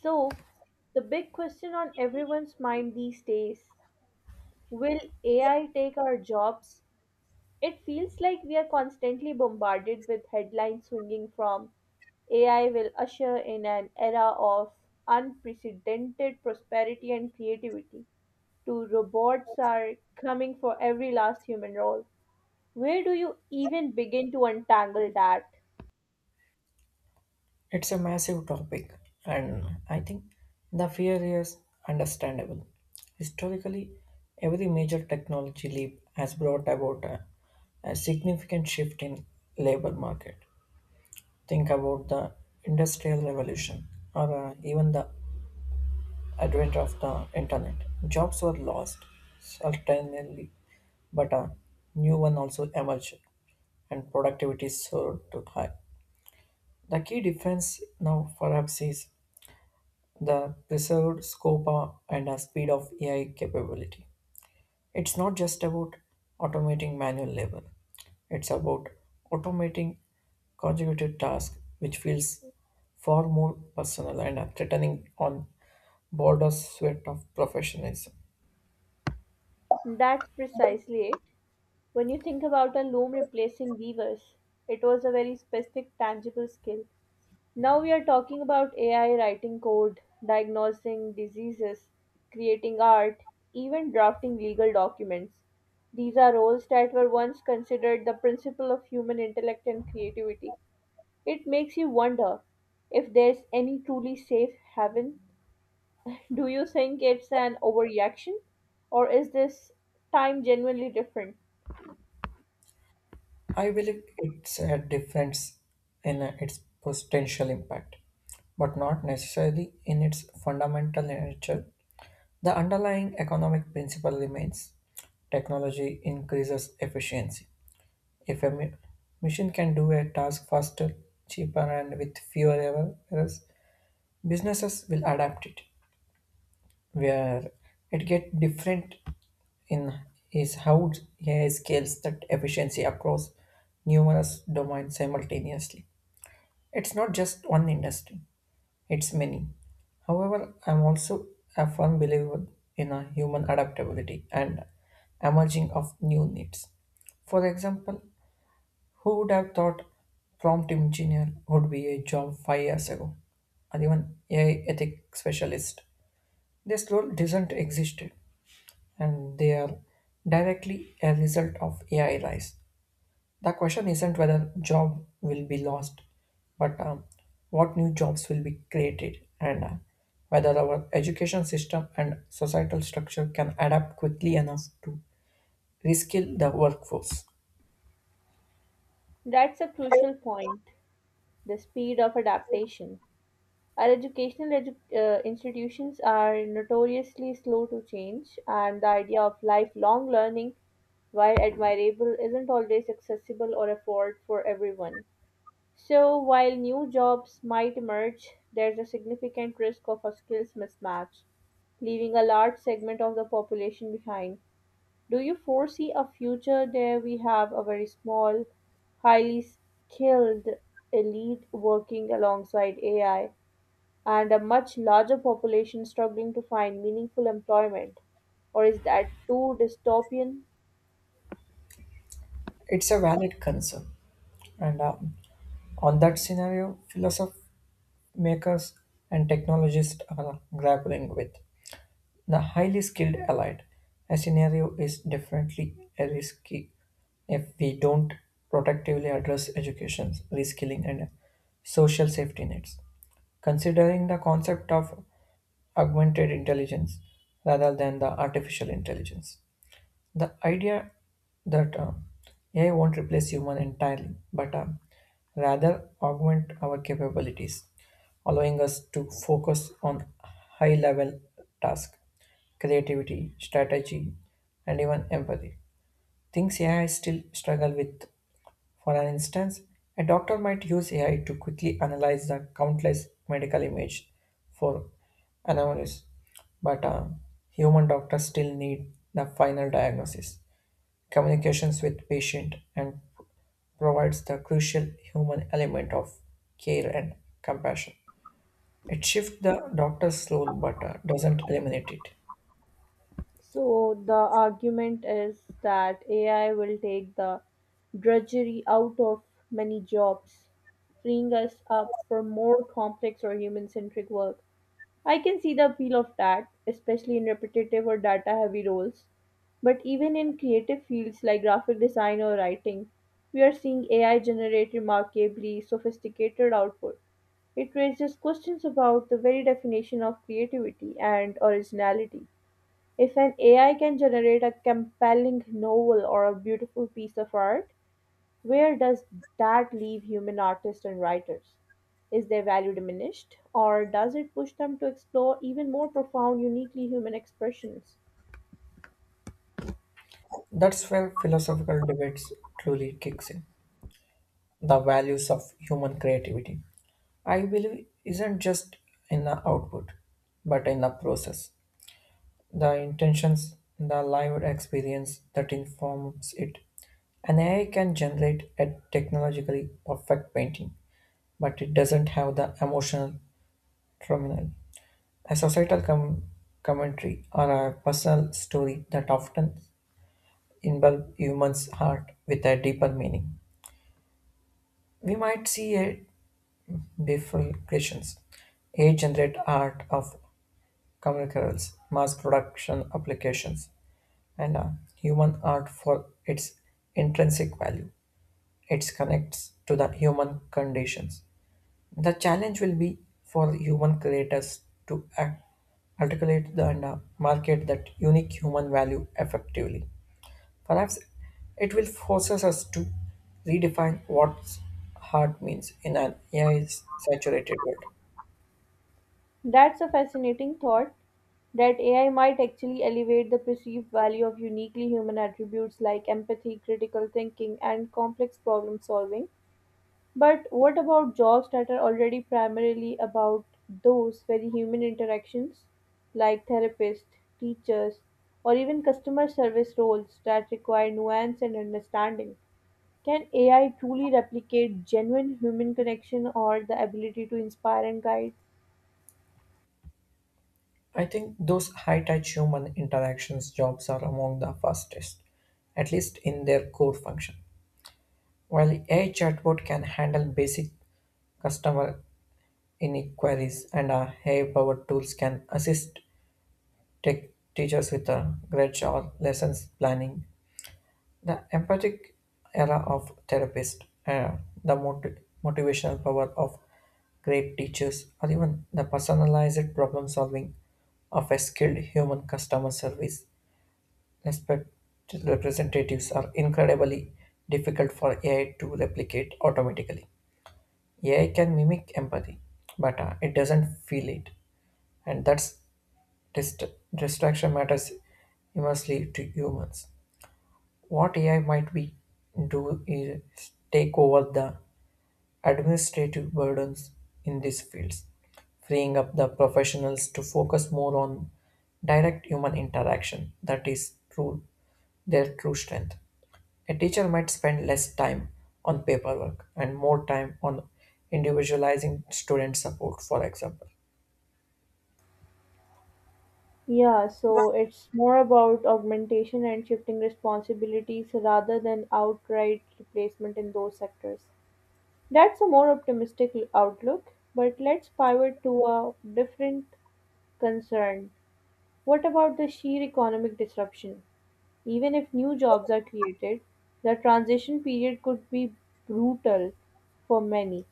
So, the big question on everyone's mind these days will AI take our jobs? It feels like we are constantly bombarded with headlines swinging from AI will usher in an era of unprecedented prosperity and creativity to robots are coming for every last human role. Where do you even begin to untangle that? It's a massive topic, and I think the fear is understandable. Historically, every major technology leap has brought about a significant shift in labor market. Think about the industrial revolution, or even the advent of the internet. Jobs were lost certainly, but a new one also emerged, and productivity soared to high. The key difference now, perhaps, is the preserved scope and speed of AI capability. It's not just about automating manual labor, it's about automating conjugated tasks, which feels far more personal and threatening on border sweat of professionalism. That's precisely it. When you think about a loom replacing weavers, it was a very specific, tangible skill. Now we are talking about AI writing code, diagnosing diseases, creating art, even drafting legal documents. These are roles that were once considered the principle of human intellect and creativity. It makes you wonder if there's any truly safe haven. Do you think it's an overreaction? Or is this time genuinely different? I believe it's a difference in its potential impact, but not necessarily in its fundamental nature. The underlying economic principle remains technology increases efficiency. If a machine can do a task faster, cheaper, and with fewer errors, businesses will adapt it. Where it gets different in is how AI scales that efficiency across numerous domains simultaneously. It's not just one industry. It's many. However, I'm also a firm believer in a human adaptability and emerging of new needs. For example, who would have thought prompt engineer would be a job 5 years ago, or even AI ethic specialist? This role doesn't exist, and they are directly a result of AI rise. The question isn't whether job will be lost, but what new jobs will be created and whether our education system and societal structure can adapt quickly enough to reskill the workforce. That's a crucial point. The speed of adaptation. Our educational institutions are notoriously slow to change, and the idea of lifelong learning, while admirable, isn't always accessible or afforded for everyone. So, while new jobs might emerge, there's a significant risk of a skills mismatch, leaving a large segment of the population behind. Do you foresee a future where we have a very small, highly skilled elite working alongside AI and a much larger population struggling to find meaningful employment? Or is that too dystopian? It's a valid concern. And On that scenario, philosophy makers and technologists are grappling with. The highly skilled allied a scenario is definitely a risky if we don't protectively address education, reskilling, and social safety nets. Considering the concept of augmented intelligence rather than the artificial intelligence, the idea that AI won't replace human entirely, but rather augment our capabilities, allowing us to focus on high-level tasks, creativity, strategy, and even empathy. Things AI still struggle with. For an instance, a doctor might use AI to quickly analyze the countless medical images for anomalies, but human doctors still need the final diagnosis communications with patient and provides the crucial human element of care and compassion. It shifts the doctor's role but doesn't eliminate it. So the argument is that AI will take the drudgery out of many jobs, freeing us up for more complex or human centric work. I can see the appeal of that, especially in repetitive or data heavy roles. But even in creative fields like graphic design or writing, we are seeing AI generate remarkably sophisticated output. It raises questions about the very definition of creativity and originality. If an AI can generate a compelling novel or a beautiful piece of art, where does that leave human artists and writers? Is their value diminished, or does it push them to explore even more profound, uniquely human expressions? That's where philosophical debates truly kicks in. The values of human creativity, I believe, isn't just in the output, but in the process. The intentions, the lived experience that informs it. An AI can generate a technologically perfect painting, but it doesn't have the emotional terminal, a societal commentary, or a personal story that often involve humans' heart with a deeper meaning. We might see a bifurcations, AI generate art of commercials, mass production applications, and human art for its intrinsic value. It connects to the human conditions. The challenge will be for human creators to act, articulate the, and market that unique human value effectively. Perhaps it will force us to redefine what heart means in an AI saturated world. That's a fascinating thought that AI might actually elevate the perceived value of uniquely human attributes like empathy, critical thinking, and complex problem solving. But what about jobs that are already primarily about those very human interactions, like therapists, teachers, or even customer service roles that require nuance and understanding? Can AI truly replicate genuine human connection or the ability to inspire and guide? I think those high touch human interactions jobs are among the fastest, at least in their core function. While AI chatbot can handle basic customer inquiries and our AI-powered tools can assist tech teachers with a grades or lessons planning, the empathic era of therapist, the motivational power of great teachers, or even the personalized problem solving of a skilled human customer service respect representatives are incredibly difficult for AI to replicate automatically. AI can mimic empathy, but it doesn't feel it. And that's dist- distraction matters immensely to humans. What AI might be do is take over the administrative burdens in these fields, freeing up the professionals to focus more on direct human interaction that is true their true strength. A teacher might spend less time on paperwork and more time on individualizing student support, for example. Yeah, so it's more about augmentation and shifting responsibilities rather than outright replacement in those sectors. That's a more optimistic outlook, but let's pivot to a different concern. What about the sheer economic disruption? Even if new jobs are created, the transition period could be brutal for many.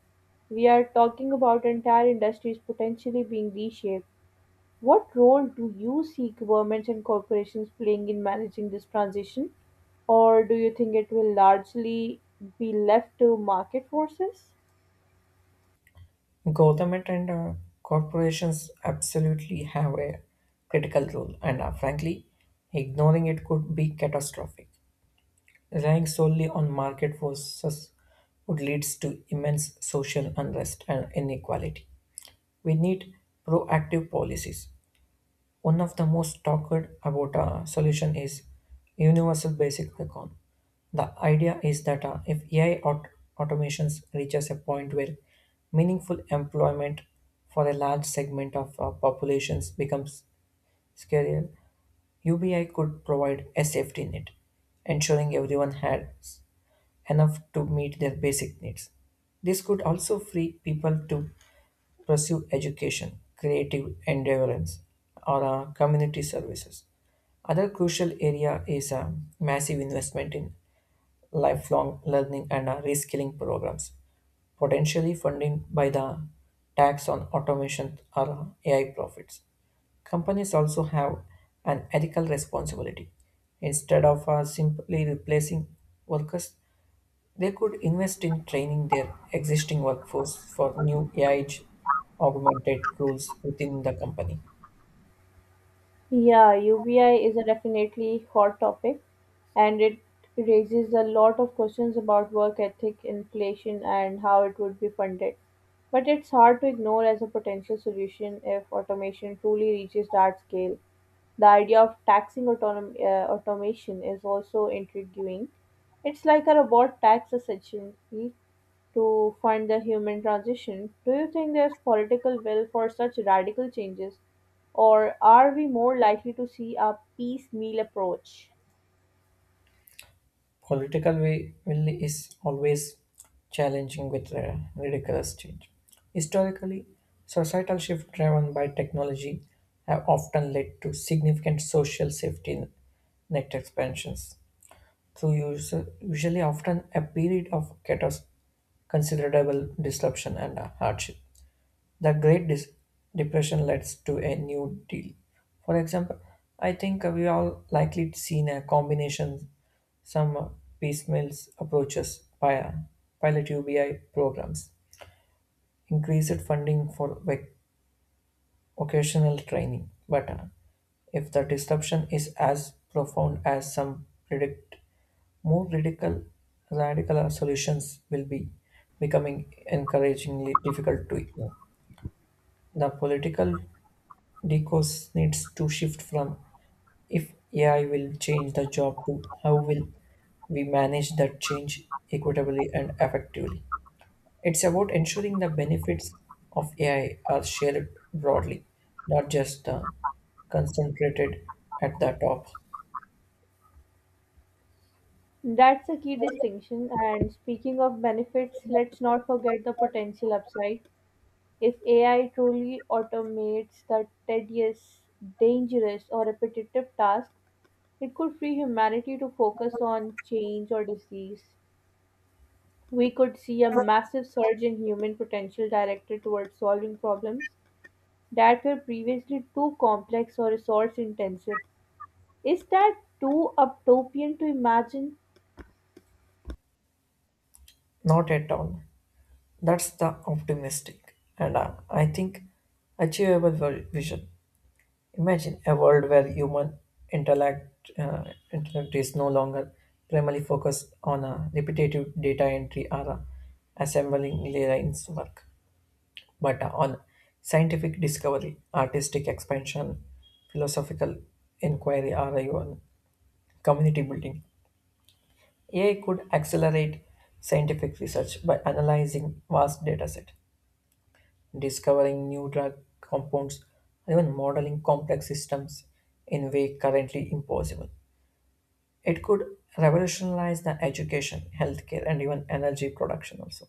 We are talking about entire industries potentially being reshaped. What role do you see governments and corporations playing in managing this transition? Or do you think it will largely be left to market forces? Government and corporations absolutely have a critical role, and frankly, ignoring it could be catastrophic. Relying solely on market forces would lead to immense social unrest and inequality. We need proactive policies. One of the most talked about a solution is universal basic income. The idea is that if AI automations reaches a point where meaningful employment for a large segment of populations becomes scarce, UBI could provide a safety net, ensuring everyone has enough to meet their basic needs. This could also free people to pursue education, creative endeavors, or community services. Other crucial area is a massive investment in lifelong learning and reskilling programs, potentially funded by the tax on automation or AI profits. Companies also have an ethical responsibility. Instead of simply replacing workers, they could invest in training their existing workforce for new AI augmented roles within the company. Yeah, UBI is a definitely hot topic and it raises a lot of questions about work ethic, inflation, and how it would be funded. But it's hard to ignore as a potential solution if automation truly reaches that scale. The idea of taxing automation is also intriguing. It's like a robot tax essentially, to find the human transition. Do you think there's political will for such radical changes, or are we more likely to see a piecemeal approach? Political will is always challenging with ridiculous change. Historically, societal shifts driven by technology have often led to significant social safety net expansions through usually often a period of considerable disruption and hardship. The Great Depression led to a new deal. For example, I think we all likely seen a combination, some piecemeal approaches by pilot UBI programs, increased funding for occasional training. But if the disruption is as profound as some predict, more radical solutions will be becoming encouragingly difficult to ignore. The political discourse needs to shift from if AI will change the job to how will we manage that change equitably and effectively. It's about ensuring the benefits of AI are shared broadly, not just concentrated at the top. That's a key distinction. And speaking of benefits, let's not forget the potential upside. If AI truly automates the tedious, dangerous, or repetitive task, it could free humanity to focus on change or disease. We could see a massive surge in human potential directed towards solving problems that were previously too complex or resource intensive. Is that too utopian to imagine? Not at all. That's the optimistic and I think achievable vision. Imagine a world where human intellect, uh, intellect is no longer primarily focused on a repetitive data entry or a assembling lines work, but on scientific discovery, artistic expansion, philosophical inquiry, or even community building. AI could accelerate scientific research by analyzing vast data set, discovering new drug compounds, and even modeling complex systems in way currently impossible. It could revolutionize the education, healthcare, and even energy production also.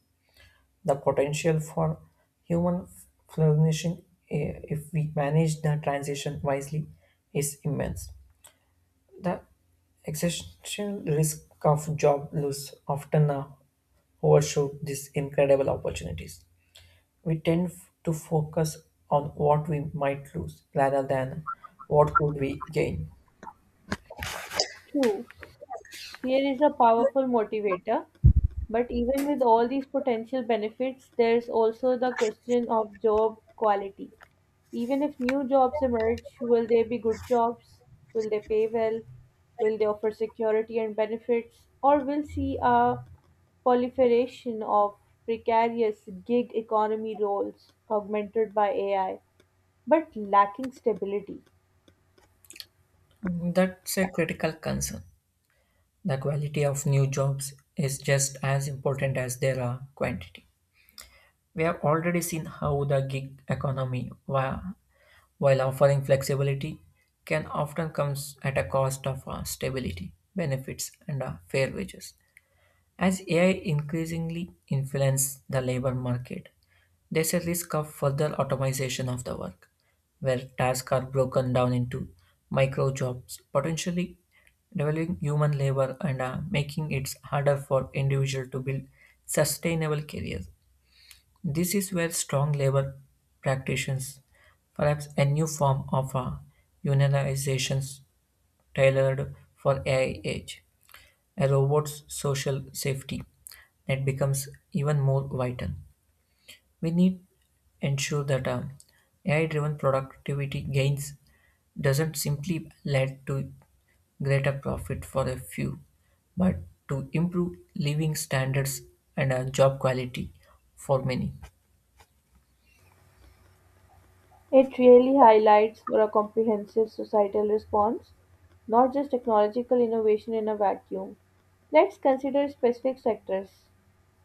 The potential for human flourishing, if we manage the transition wisely, is immense. The existential risk of job loss often overshoot these incredible opportunities. We tend to focus on what we might lose rather than what could we gain. True, fear is a powerful motivator. But even with all these potential benefits, there's also the question of job quality. Even if new jobs emerge, will they be good jobs? Will they pay well? Will they offer security and benefits? Or will see a proliferation of precarious gig economy roles augmented by AI, but lacking stability? That's a critical concern. The quality of new jobs is just as important as their quantity. We have already seen how the gig economy, while offering flexibility, can often comes at a cost of stability, benefits, and fair wages. As AI increasingly influence the labor market, there's a risk of further automation of the work, where tasks are broken down into micro jobs, potentially devaluing human labor and making it harder for individuals to build sustainable careers. This is where strong labor practitioners, perhaps a new form of unionizations tailored for AI age, a robot's social safety that becomes even more vital. We need ensure that AI-driven productivity gains doesn't simply lead to greater profit for a few, but to improve living standards and job quality for many. It really highlights for a comprehensive societal response, not just technological innovation in a vacuum. Let's consider specific sectors.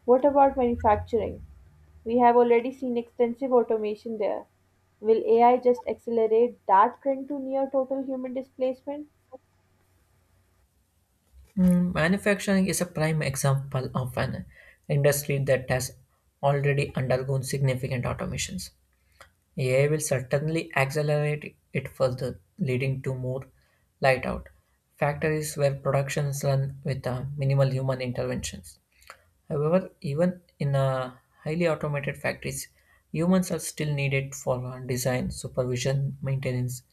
What about manufacturing? We have already seen extensive automation there. Will AI just accelerate that trend to near total human displacement? Manufacturing is a prime example of an industry that has already undergone significant automations. AI will certainly accelerate it further, leading to more light-out factories where productions run with minimal human interventions. However, even in highly automated factories, humans are still needed for design, supervision, maintenance,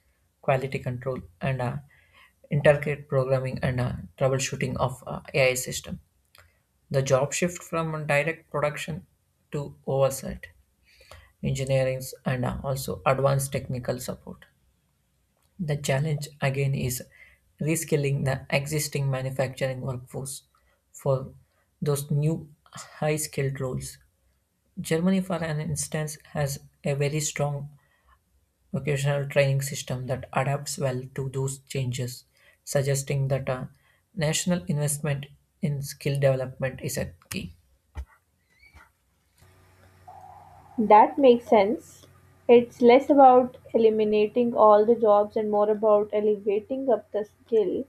quality control, and intricate programming and troubleshooting of AI system. The job shift from direct production to oversight engineering, and also advanced technical support. The challenge again is reskilling the existing manufacturing workforce for those new high skilled roles. Germany, for an instance, has a very strong vocational training system that adapts well to those changes, suggesting that a national investment in skill development is a key. That makes sense. It's less about eliminating all the jobs and more about elevating up the skill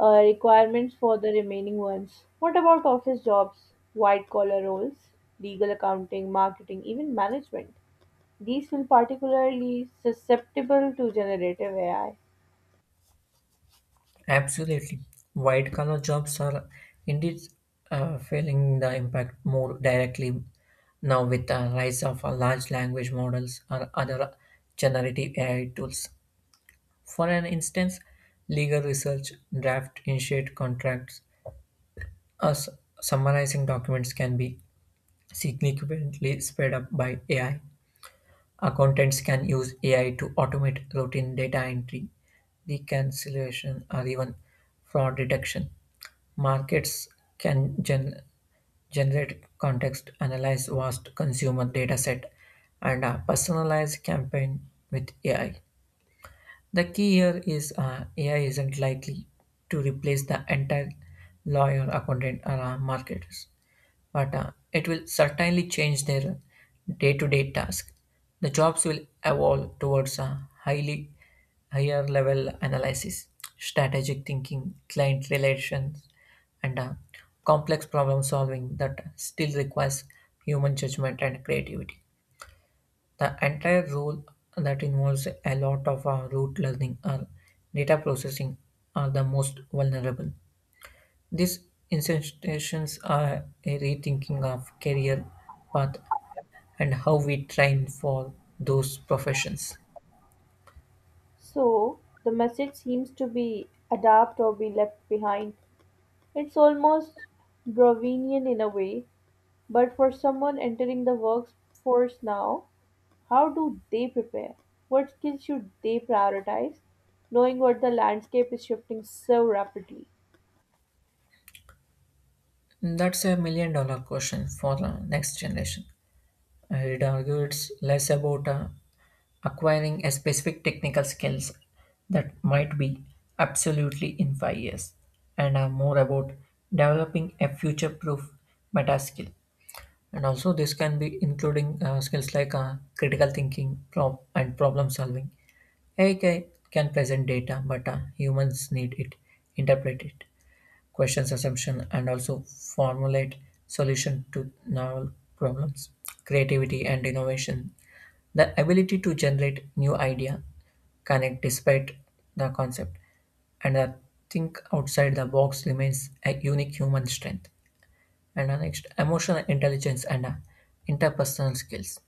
requirements for the remaining ones. What about office jobs, white collar roles, legal accounting, marketing, even management? These feel particularly susceptible to generative AI. Absolutely. White collar jobs are indeed feeling the impact more directly now with the rise of large language models or other generative AI tools. For an instance, legal research, draft, initiate contracts, or summarizing documents can be significantly sped up by AI. Accountants can use AI to automate routine data entry, reconciliation, or even fraud detection. Markets can generate context, analyze vast consumer data set, and personalize campaign with AI. The key here is AI isn't likely to replace the entire lawyer, accountant, or marketers. But it will certainly change their day-to-day task. The jobs will evolve towards a highly higher level analysis, strategic thinking, client relations, and complex problem solving that still requires human judgment and creativity. The entire role that involves a lot of root learning or data processing are the most vulnerable. These institutions are a rethinking of career path and how we train for those professions. So the message seems to be adapt or be left behind. It's almost Brovinian in a way, but for someone entering the workforce now, how do they prepare? What skills should they prioritize, knowing what the landscape is shifting so rapidly? That's a million dollar question for the next generation. I would argue it's less about acquiring a specific technical skills that might be absolutely in five years and are more about developing a future proof meta skill. And also this can be including skills like critical thinking and problem solving. AI ca- can present data, but humans need it, interpret it, questions assumption, and also formulate solution to novel problems. Creativity and innovation. The ability to generate new idea, connect despite the concept, and think outside the box remains a unique human strength. And next, emotional intelligence and interpersonal skills.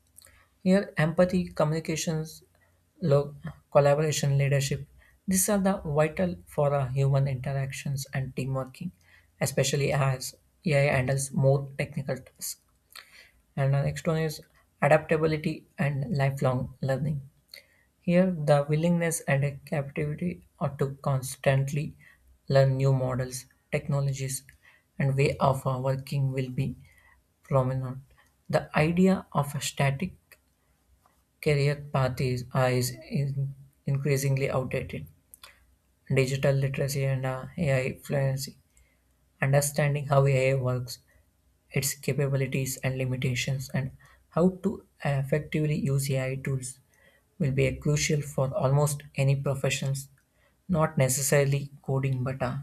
Here, empathy, communications, lo- collaboration, leadership. These are the vital for human interactions and team working, especially as AI handles more technical tasks. And the next one is adaptability and lifelong learning. Here, the willingness and capacity are to constantly learn new models, technologies, and way of working will be prominent. The idea of a static career path is increasingly outdated. Digital literacy and AI fluency, understanding how AI works, its capabilities and limitations, and how to effectively use AI tools will be a crucial for almost any professions, not necessarily coding, but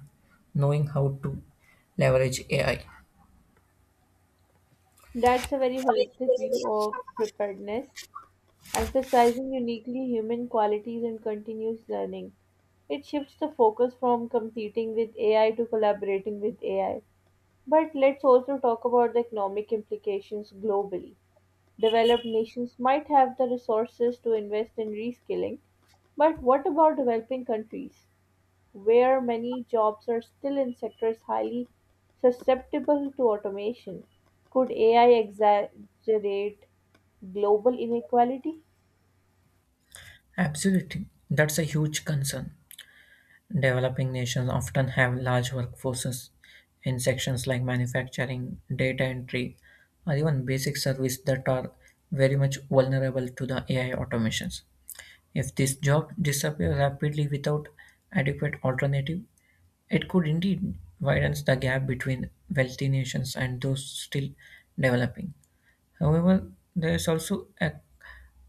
knowing how to leverage AI. That's a very holistic view of preparedness, emphasizing uniquely human qualities and continuous learning. It shifts the focus from competing with AI to collaborating with AI. But let's also talk about the economic implications globally. Developed nations might have the resources to invest in reskilling, but what about developing countries, where many jobs are still in sectors highly susceptible to automation? Could AI exaggerate global inequality? Absolutely, that's a huge concern. Developing nations often have large workforces in sections like manufacturing, data entry, or even basic service that are very much vulnerable to the AI automations. If this job disappears rapidly without adequate alternative, it could indeed widen the gap between wealthy nations and those still developing. However, there is also a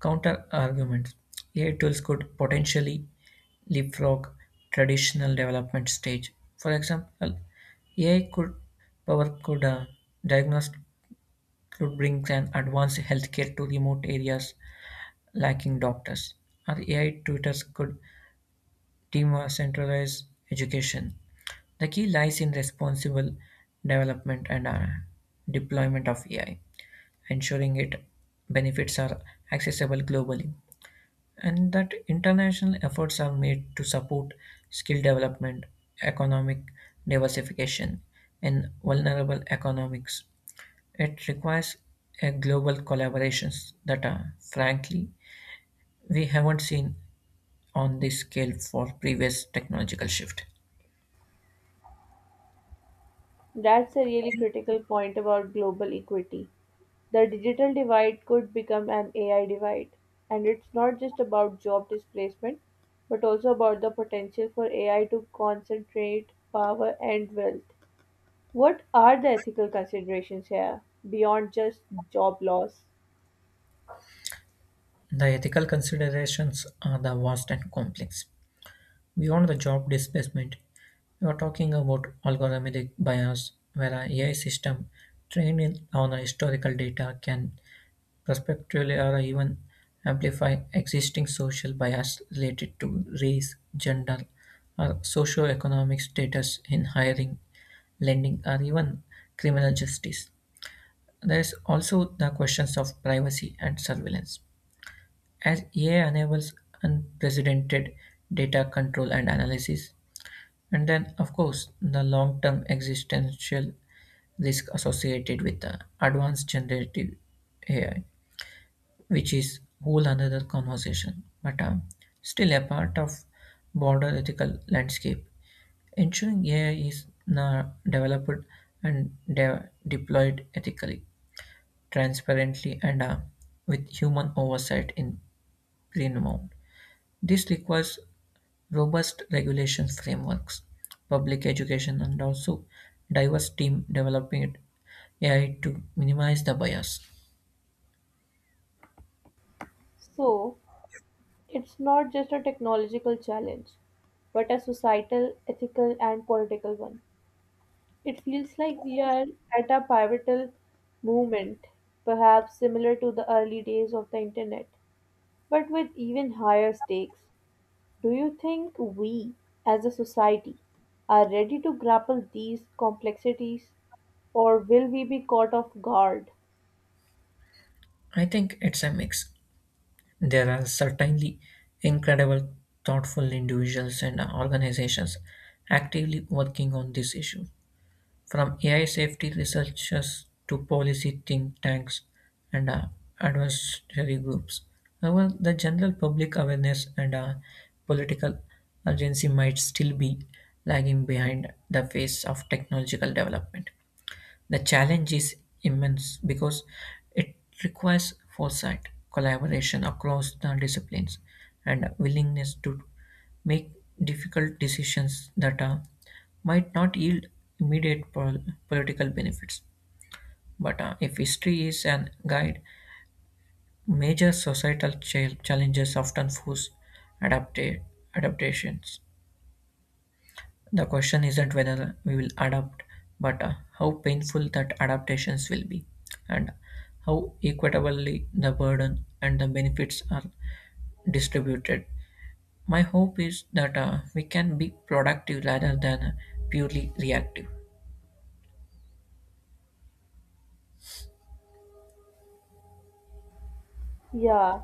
counter argument. AI tools could potentially leapfrog traditional development stage. For example, AI could power could uh, diagnose could bring an advanced healthcare to remote areas lacking doctors, or AI tutors could Tema centralized education. The key lies in responsible development and deployment of AI, ensuring it benefits are accessible globally, and that international efforts are made to support skill development, economic diversification, and vulnerable economics. It requires a global collaborations that are, frankly, we haven't seen on this scale for previous technological shift. That's a really critical point about global equity. The digital divide could become an AI divide. And it's not just about job displacement, but also about the potential for AI to concentrate power and wealth. What are the ethical considerations here beyond just job loss? The ethical considerations are the vast and complex. Beyond the job displacement, we are talking about algorithmic bias, where an AI system trained on historical data can prospectively or even amplify existing social bias related to race, gender, or socioeconomic status in hiring, lending, or even criminal justice. There is also the questions of privacy and surveillance as AI enables unprecedented data control and analysis, and then, of course, the long term existential risk associated with the advanced generative AI, which is whole another conversation, but still a part of broader ethical landscape. Ensuring AI is now developed and deployed ethically, transparently, and with human oversight in minimum. This requires robust regulations frameworks, public education and also diverse team developing AI to minimize the bias. So, it's not just a technological challenge, but a societal, ethical, and political one. It feels like we are at a pivotal moment, perhaps similar to the early days of the internet, but with even higher stakes. Do you think we, as a society, are ready to grapple these complexities, or will we be caught off guard? I think it's a mix. There are certainly incredible, thoughtful individuals and organizations actively working on this issue, from AI safety researchers to policy think tanks and advisory groups. However, the general public awareness and political urgency might still be lagging behind the pace of technological development. The challenge is immense because it requires foresight, collaboration across the disciplines, and a willingness to make difficult decisions that might not yield immediate political benefits, but if history is an guide, major societal challenges often force adapta- adaptations. The question isn't whether we will adapt, but how painful that adaptations will be, and how equitably the burden and the benefits are distributed. My hope is that we can be productive rather than purely reactive. Yeah,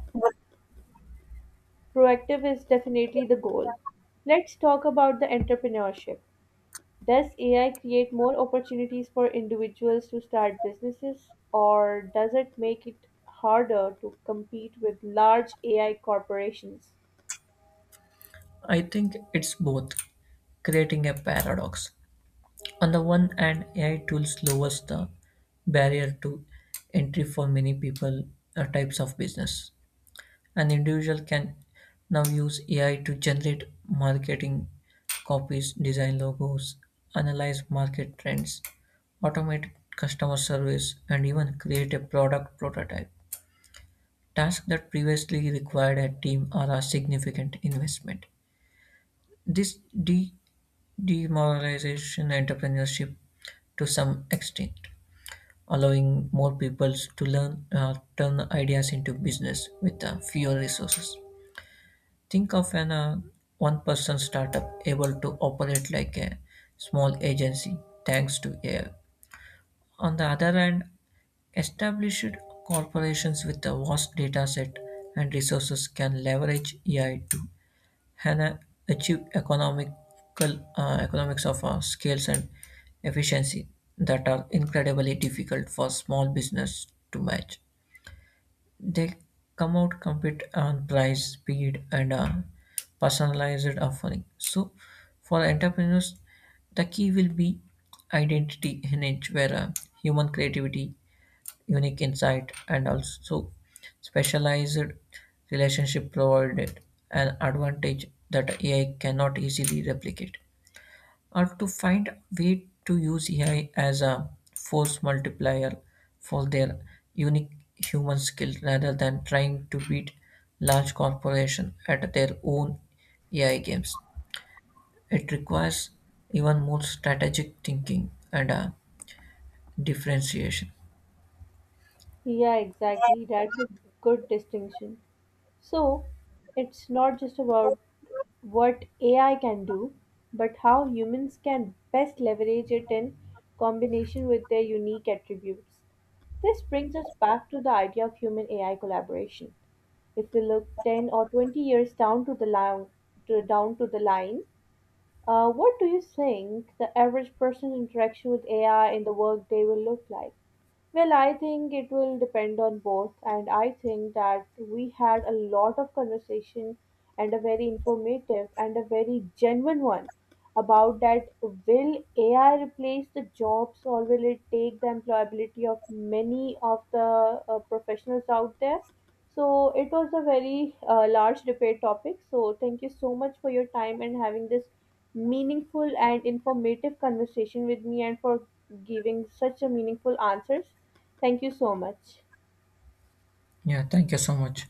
proactive is definitely the goal. Let's talk about the entrepreneurship. Does AI create more opportunities for individuals to start businesses, or does it make it harder to compete with large AI corporations? I think it's both, creating a paradox. On the one hand, AI tools lowers the barrier to entry for many people or types of business. An individual can now use AI to generate marketing copies, design logos, analyze market trends, automate customer service, and even create a product prototype. Tasks that previously required a team or a significant investment. This de demoralization entrepreneurship to some extent, allowing more people to learn turn ideas into business with fewer resources. Think of an one-person startup able to operate like a small agency thanks to AI. On the other hand, established corporations with a vast data set and resources can leverage AI to Hannah achieved economical economics of scales and efficiency that are incredibly difficult for small business to match. They come out compete on price, speed, and personalized offering. So, for entrepreneurs, the key will be identity in it, where human creativity unique insight and also specialized relationship provided an advantage that AI cannot easily replicate. Or to find a way to use AI as a force multiplier for their unique human skill rather than trying to beat large corporations at their own AI games. It requires even more strategic thinking and differentiation. Yeah, exactly. That's a good distinction. So it's not just about what AI can do, but how humans can best leverage it in combination with their unique attributes. This brings us back to the idea of human AI collaboration. If we look 10 or 20 years down to the line, to, down to the line, what do you think the average person's interaction with AI in the workday will look like? Well, I think it will depend on both, and I think that we had a lot of conversation and a very informative and a very genuine one about that will AI replace the jobs or will it take the employability of many of the professionals out there? So it was a very large debate topic. So thank you so much for your time and having this meaningful and informative conversation with me and for giving such a meaningful answers. Thank you so much. Yeah, thank you so much.